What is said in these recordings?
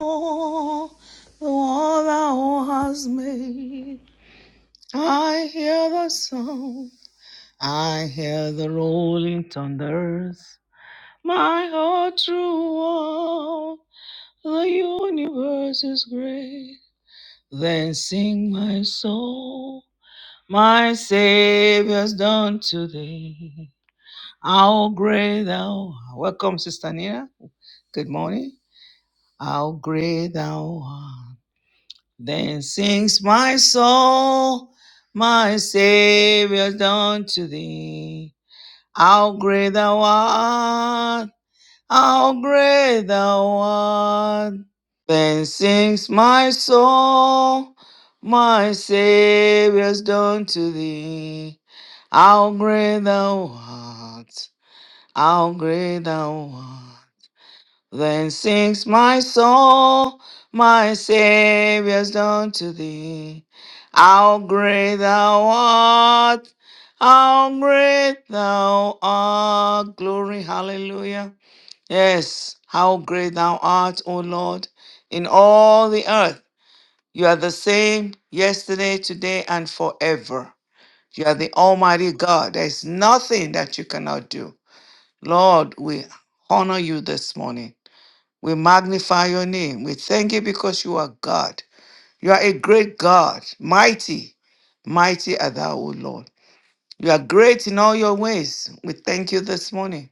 all the one thou hast made. I hear the sound, I hear the rolling thunders. My heart through all the universe is great. Then sing my soul, my Savior's done today. How great thou art. Welcome, Sister Nina. Good morning. How great thou art. Then sings my soul, my Savior's done to thee. How great thou art, how great thou art. Then sings my soul, my Savior's done to thee. How great thou art, how great thou art. Then sings my soul, my Saviour's done to thee. How great thou art, how great thou art. Glory, hallelujah. Yes, how great thou art, O Lord, in all the earth. You are the same yesterday, today, and forever. You are the Almighty God. There's nothing that you cannot do. Lord, we honor you this morning. We magnify your name. We thank you because you are God. You are a great God, mighty, mighty are thou, O Lord. You are great in all your ways. We thank you this morning.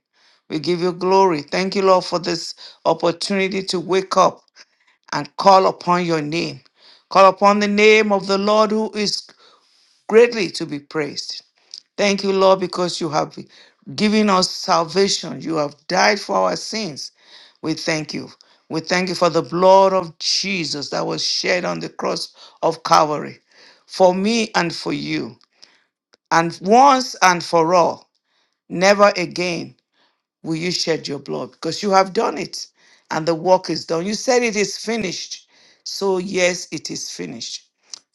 We give you glory. Thank you, Lord, for this opportunity to wake up and call upon your name. Call upon the name of the Lord who is greatly to be praised. Thank you, Lord, because you have given us salvation. You have died for our sins we thank you. We thank you for the blood of Jesus that was shed on the cross of Calvary for me and for you. And once and for all, never again will you shed your blood because you have done it and the work is done. You said it is finished. So, yes, it is finished.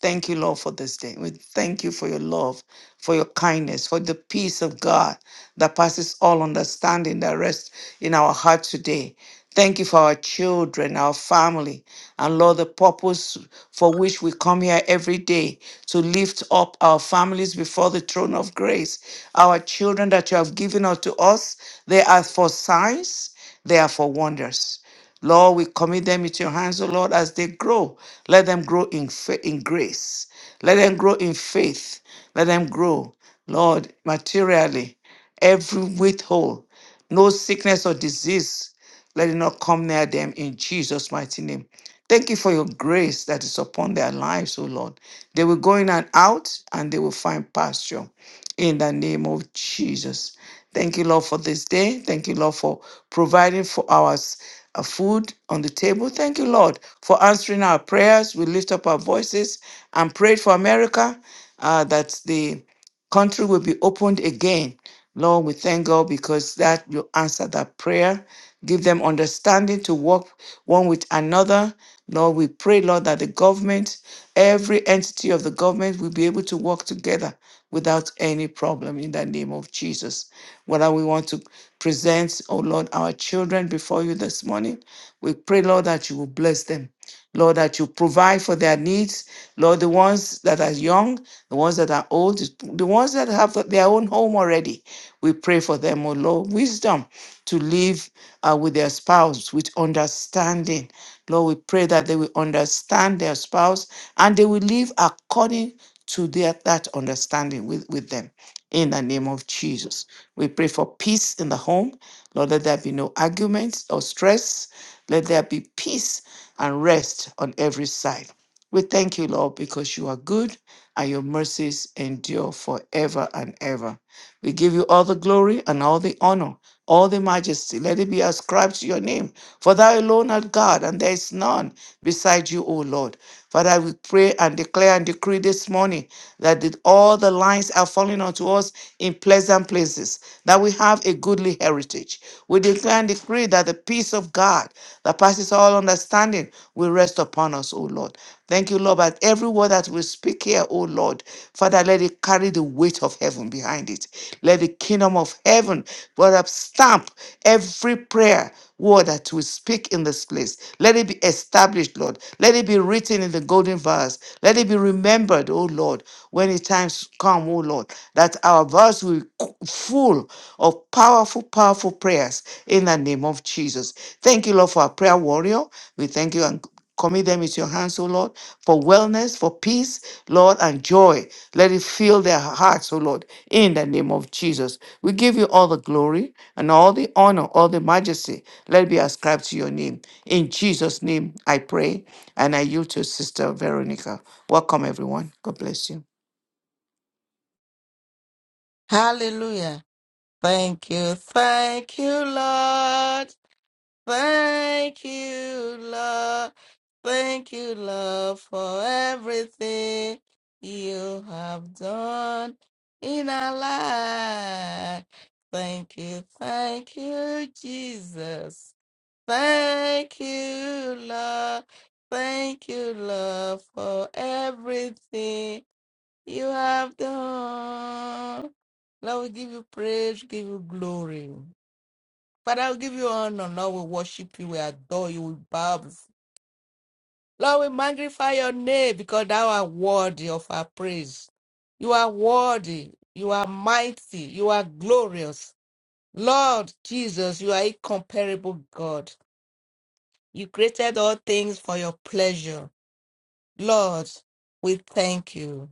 Thank you, Lord, for this day. We thank you for your love, for your kindness, for the peace of God that passes all understanding that rests in our heart today. Thank you for our children, our family, and Lord, the purpose for which we come here every day to lift up our families before the throne of grace. Our children that you have given unto us, they are for signs, they are for wonders. Lord, we commit them into your hands, O Lord, as they grow. Let them grow in fa- in grace. Let them grow in faith. Let them grow, Lord, materially, every withhold, no sickness or disease. Let it not come near them in Jesus' mighty name. Thank you for your grace that is upon their lives, O Lord. They will go in and out and they will find pasture in the name of Jesus. Thank you, Lord, for this day. Thank you, Lord, for providing for us uh, food on the table. Thank you, Lord, for answering our prayers. We lift up our voices and prayed for America uh, that the country will be opened again. Lord, we thank God because that you answer that prayer. Give them understanding to work one with another. Lord, we pray, Lord, that the government, every entity of the government will be able to work together without any problem in the name of Jesus. Whether we want to presents, oh Lord, our children before you this morning. We pray, Lord, that you will bless them. Lord, that you provide for their needs. Lord, the ones that are young, the ones that are old, the ones that have their own home already. We pray for them, oh Lord, wisdom to live uh, with their spouse, with understanding. Lord, we pray that they will understand their spouse and they will live according to their, that understanding with, with them in the name of Jesus. We pray for peace in the home. Lord, let there be no arguments or stress. Let there be peace and rest on every side. We thank you, Lord, because you are good and your mercies endure forever and ever. We give you all the glory and all the honor, all the majesty. Let it be ascribed to your name. For thou alone art God, and there is none beside you, O Lord. Father, we pray and declare and decree this morning that the- all the lines are falling onto us in pleasant places, that we have a goodly heritage. We declare and decree that the peace of God that passes all understanding will rest upon us, O Lord. Thank you, Lord, that every word that we speak here, O Lord, Father, let it carry the weight of heaven behind it. Let the kingdom of heaven, Father, stamp every prayer word that we speak in this place. Let let it be established, Lord. Let it be written in the golden verse. Let it be remembered, O Lord, when the times come, O Lord, that our verse will be full of powerful, powerful prayers in the name of Jesus. Thank you, Lord, for our prayer warrior. We thank you and commit them into your hands, O Lord, for wellness, for peace, Lord, and joy. Let it fill their hearts, O Lord, in the name of Jesus. We give you all the glory and all the honor, all the majesty. Let it be ascribed to your name. In Jesus' name, I pray and I yield to Sister Veronica. Welcome, everyone. God bless you. Hallelujah. Thank you. Thank you, Lord. Thank you, Lord. Thank you, Lord, for everything you have done in our life. Thank you. Thank you, Jesus. Thank you, Lord. Thank you, Lord, for everything you have done. Lord, we give you praise, we give you glory. Father, we give you honor. Lord, we worship you, we adore you, we bow. before- Lord, we magnify your name because thou art worthy of our praise. You are worthy. You are mighty. You are glorious. Lord Jesus, you are incomparable God. You created all things for your pleasure. Lord, we thank you.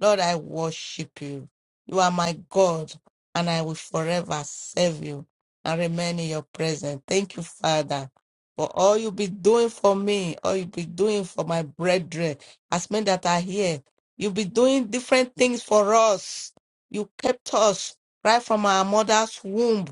Lord, I worship you. You are my God, and I will forever serve you and remain in your presence. Thank you, Father, for all you be doing for me, all you be doing for my brethren, as men that are here. you be doing different things for us. You kept us right from our mother's womb.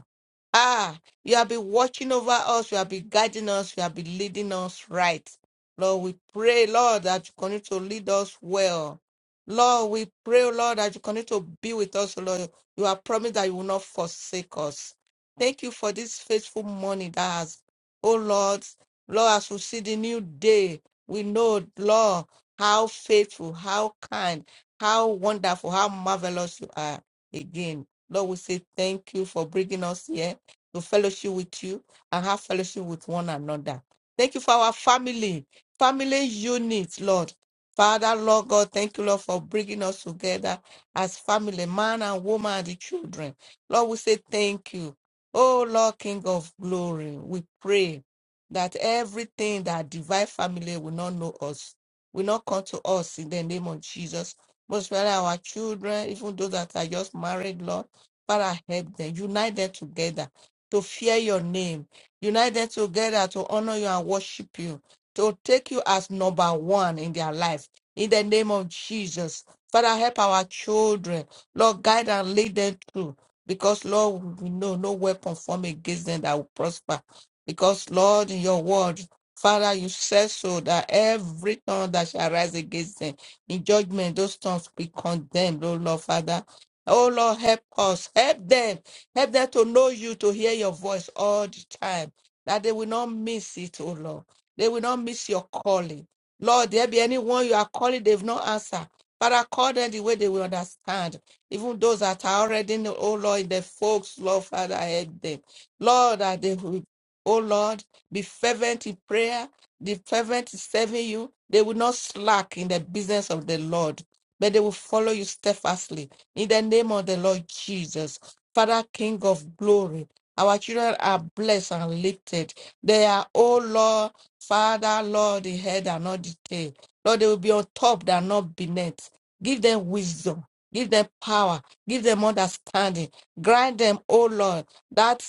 Ah, you have been watching over us, you have been guiding us, you have been leading us right. Lord, we pray, Lord, that you continue to lead us well. Lord, we pray, oh Lord, that you continue to be with us, oh Lord. You have promised that you will not forsake us. Thank you for this faithful morning that has, oh Lord, Lord, as we see the new day, we know, Lord, how faithful, how kind, how wonderful, how marvelous you are again. Lord, we say thank you for bringing us here to fellowship with you and have fellowship with one another. Thank you for our family family unit, Lord. Father, Lord God, thank you, Lord, for bringing us together as family, man and woman, and the children. Lord, we say thank you. Oh, Lord, King of glory, we pray that everything that divine family will not know us, will not come to us in the name of Jesus. Most especially our children, even those that are just married, Lord, Father, help them, unite them together to fear your name, unite them together to honor you and worship you to take you as number one in their life. In the name of Jesus, Father, help our children. Lord, guide and lead them through. Because, Lord, we know no weapon formed against them that will prosper. Because, Lord, in your word, Father, you said so that every tongue that shall rise against them in judgment, those tongues be condemned, oh Lord, Father. Oh Lord, help us, help them, help them to know you, to hear your voice all the time, that they will not miss it, oh Lord. They will not miss your calling. Lord, there be anyone you are calling, they've not answered. Father, call them the way they will understand. Even those that are already in, oh Lord, in the folks, Lord, Father, help them. Lord, that they will, oh Lord, be fervent in prayer, be fervent in serving you. They will not slack in the business of the Lord, but they will follow you steadfastly. In the name of the Lord Jesus, Father, King of glory, our children are blessed and lifted. They are, oh Lord, Father, Lord, the head and not the tail. Lord, they will be on top and not beneath. Give them wisdom. Give them power. Give them understanding. Grant them, oh Lord, that,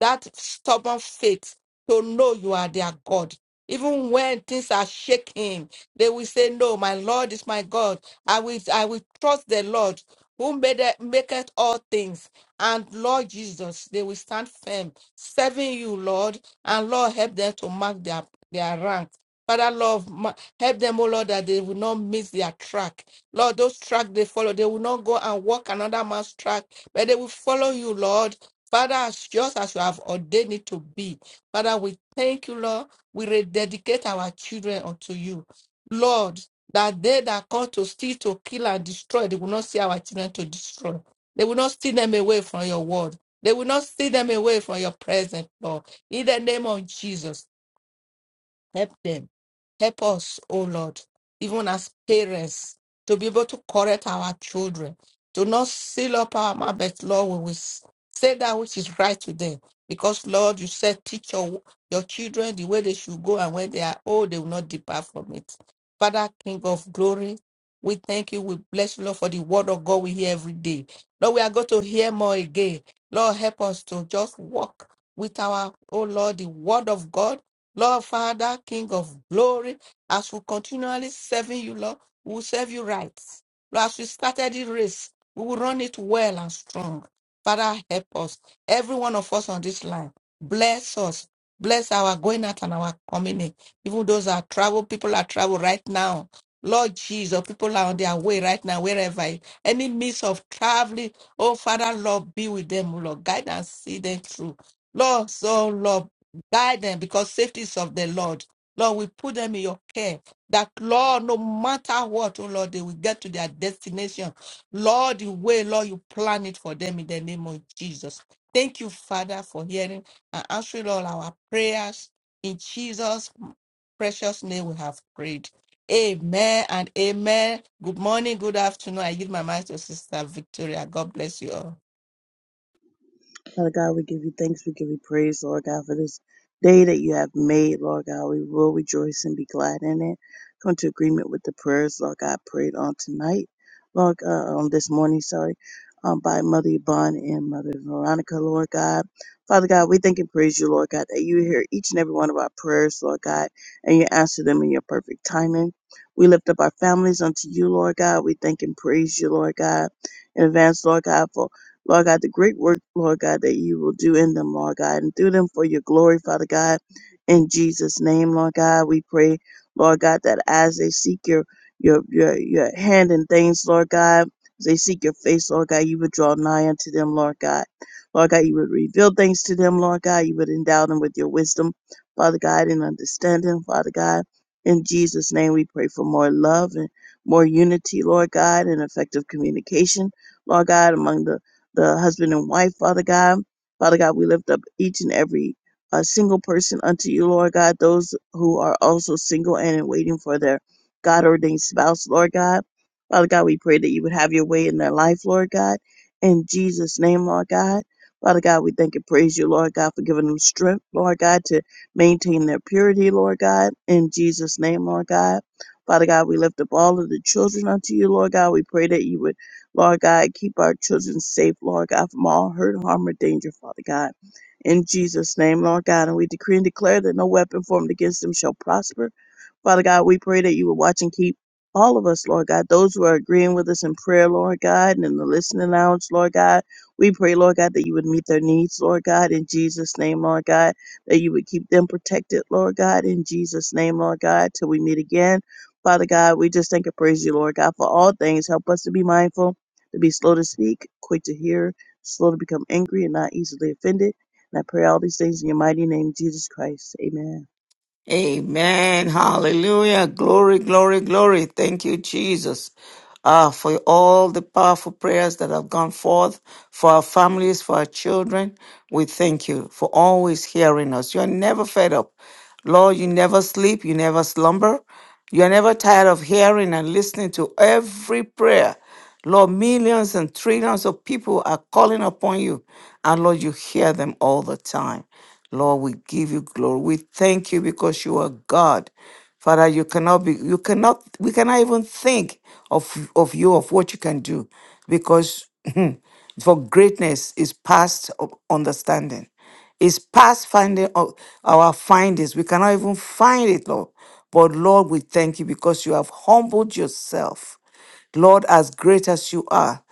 that stubborn faith to know you are their God. Even when things are shaking, they will say, No, my Lord is my God. I will I will trust the Lord who made it, maketh all things. And Lord Jesus, they will stand firm, serving you, Lord and Lord, help them to mark their, their rank. Father, Lord, ma- help them, oh Lord, that they will not miss their track. Lord, those track they follow, they will not go and walk another man's track, but they will follow you, Lord. Father, as just as you have ordained it to be, Father, we thank you, Lord. We rededicate our children unto you, Lord. That they that come to steal, to kill, and destroy, they will not see our children to destroy. They will not steal them away from your word. They will not steal them away from your presence, Lord. In the name of Jesus. Help them. Help us, oh Lord, even as parents, to be able to correct our children, to not seal up our mouth, but Lord, we will s- say that which is right to them. Because, Lord, you said, teach your, your children the way they should go, and when they are old, they will not depart from it. Father, King of glory, we thank you. We bless you, Lord, for the word of God we hear every day. Lord, we are going to hear more again. Lord, help us to just walk with our, oh Lord, the word of God Lord Father, King of glory, as we continually serving you, Lord, we will serve you right. Lord, as we started the race, we will run it well and strong. Father, help us. Every one of us on this line, bless us. Bless our going out and our coming in. Even those that are travel, people are travel right now. Lord Jesus, people are on their way right now, wherever. Any means of traveling, oh Father, Lord, be with them, Lord. Guide and see them through. Lord, so Lord, Guide them because safety is of the Lord. Lord, we put them in your care. That Lord, no matter what, oh Lord, they will get to their destination. Lord, the way, Lord, you plan it for them in the name of Jesus. Thank you, Father, for hearing and answering all our prayers. In Jesus' precious name, we have prayed. Amen and amen. Good morning, good afternoon. I give my mind to Sister Victoria. God bless you all. Father God, we give you thanks. We give you praise, Lord God, for this day that you have made, Lord God. We will rejoice and be glad in it. Come to agreement with the prayers, Lord God, prayed on tonight, Lord, uh, on this morning, sorry, um, by Mother Yvonne and Mother Veronica, Lord God. Father God, we thank and praise you, Lord God, that you hear each and every one of our prayers, Lord God, and you answer them in your perfect timing. We lift up our families unto you, Lord God. We thank and praise you, Lord God in advance, Lord God, for Lord God, the great work, Lord God, that you will do in them, Lord God, and through them for your glory, Father God. In Jesus' name, Lord God, we pray, Lord God, that as they seek your your your, your hand in things, Lord God, as they seek your face, Lord God, you would draw nigh unto them, Lord God. Lord God, you would reveal things to them, Lord God. You would endow them with your wisdom, Father God, and understanding, Father God. In Jesus' name, we pray for more love and more unity, Lord God, and effective communication, Lord God, among the the husband and wife, Father God. Father God, we lift up each and every uh, single person unto you, Lord God, those who are also single and in waiting for their God ordained spouse, Lord God. Father God, we pray that you would have your way in their life, Lord God. In Jesus' name, Lord God. Father God, we thank and praise you, Lord God, for giving them strength, Lord God, to maintain their purity, Lord God. In Jesus' name, Lord God. Father God, we lift up all of the children unto you, Lord God. We pray that you would Lord God, keep our children safe, Lord God, from all hurt, harm, or danger, Father God. In Jesus' name, Lord God, and we decree and declare that no weapon formed against them shall prosper Father God, we pray that you will watch and keep all of us, Lord God, those who are agreeing with us in prayer, Lord God, and in the listening lounge, Lord God. We pray, Lord God, that you would meet their needs, Lord God, in Jesus' name, Lord God, that you would keep them protected, Lord God, in Jesus' name, Lord God, till we meet again. Father God, we just thank and praise you, Lord God, for all things. Help us to be mindful, to be slow to speak, quick to hear, slow to become angry, and not easily offended. And I pray all these things in your mighty name, Jesus Christ. Amen. Amen. Hallelujah. Glory, glory, glory. Thank you, Jesus, uh, for all the powerful prayers that have gone forth for our families, for our children. We thank you for always hearing us. You are never fed up. Lord, you never sleep, you never slumber. You are never tired of hearing and listening to every prayer Lord, millions and trillions of people are calling upon you. And Lord, you hear them all the time. Lord, we give you glory. We thank you because you are God. Father, you cannot be, you cannot, we cannot even think of, of you, of what you can do, because for greatness is past o- understanding. It's past finding o- our findings. We cannot even find it, Lord. But Lord, we thank you because you have humbled yourself. Lord, as great as you are,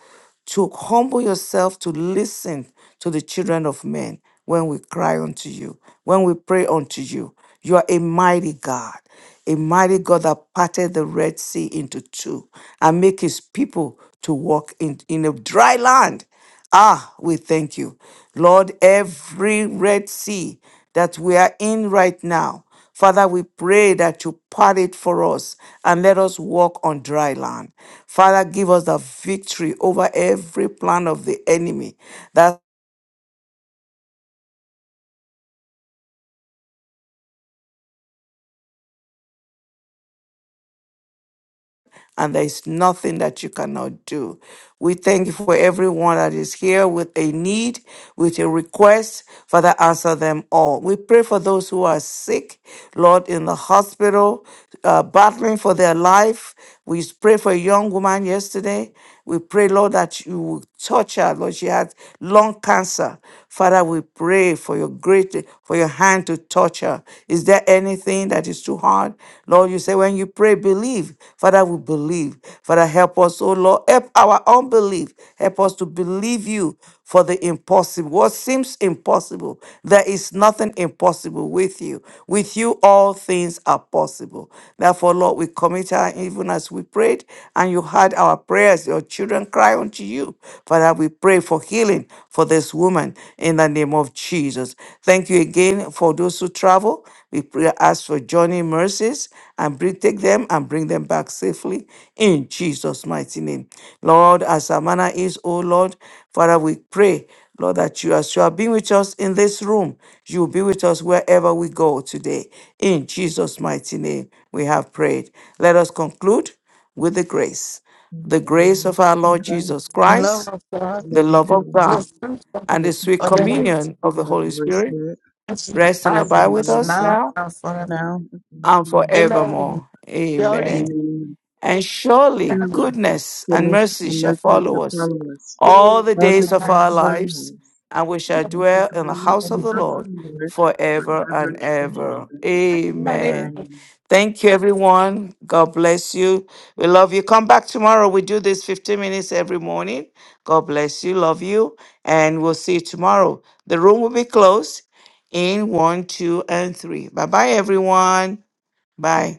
to humble yourself to listen to the children of men when we cry unto you, when we pray unto you. You are a mighty God, a mighty God that parted the Red Sea into two and make his people to walk in, in a dry land. Ah, we thank you. Lord, every Red Sea that we are in right now. Father, we pray that you part it for us and let us walk on dry land. Father, give us the victory over every plan of the enemy. That and there is nothing that you cannot do. We thank you for everyone that is here with a need, with a request. Father, answer them all. We pray for those who are sick, Lord, in the hospital, uh, battling for their life. We pray for a young woman yesterday. We pray, Lord, that you will touch her. Lord, she had lung cancer. Father, we pray for your great, for your hand to touch her. Is there anything? praying that is too hard. Lord, you say when you pray, believe. Father, we believe. Father, help us, oh Lord. Help our unbelief. Help us to believe you for the impossible. What seems impossible, there is nothing impossible with you. With you, all things are possible. Therefore, Lord, we commit our, even as we prayed, and you heard our prayers. Your children cry unto you. Father, we pray for healing for this woman in the name of Jesus. Jesus. Thank you again for those who travel. We pray, ask for journey mercies and bring, take them and bring them back safely in Jesus' mighty name. Lord, as our manner is, O Lord, Father, we pray, Lord, that you, as you have been with us in this room, you will be with us wherever we go today. In Jesus' mighty name, we have prayed. Let us conclude with the grace. In The the grace name of of our Jesus Lord Christ. Jesus The love Christ, of God, the living love of you the God spirit in and the this sweet of the Holy communion communion of the of Holy the Holy Spirit Spirit, rest and I this and abide with was the with us this not now in front of now and and forever. Amen. forevermore. Surely, Amen. Amen. And surely God's Truly, goodness and goodness mercy and shall mercy follow shall us follow us all the all the days of days our of goodness our lives, lives, and we and shall we shall dwell in the dwell house in of the the house of Lord the Lord forever forever and and ever. ever. and I Amen. Amen. Thank you, everyone. God bless you. We love you. Come back tomorrow. We do this 15 minutes every morning. God bless you. Love you. And we'll see you tomorrow. The room will be closed in one, two, and three. Bye bye, everyone. Bye.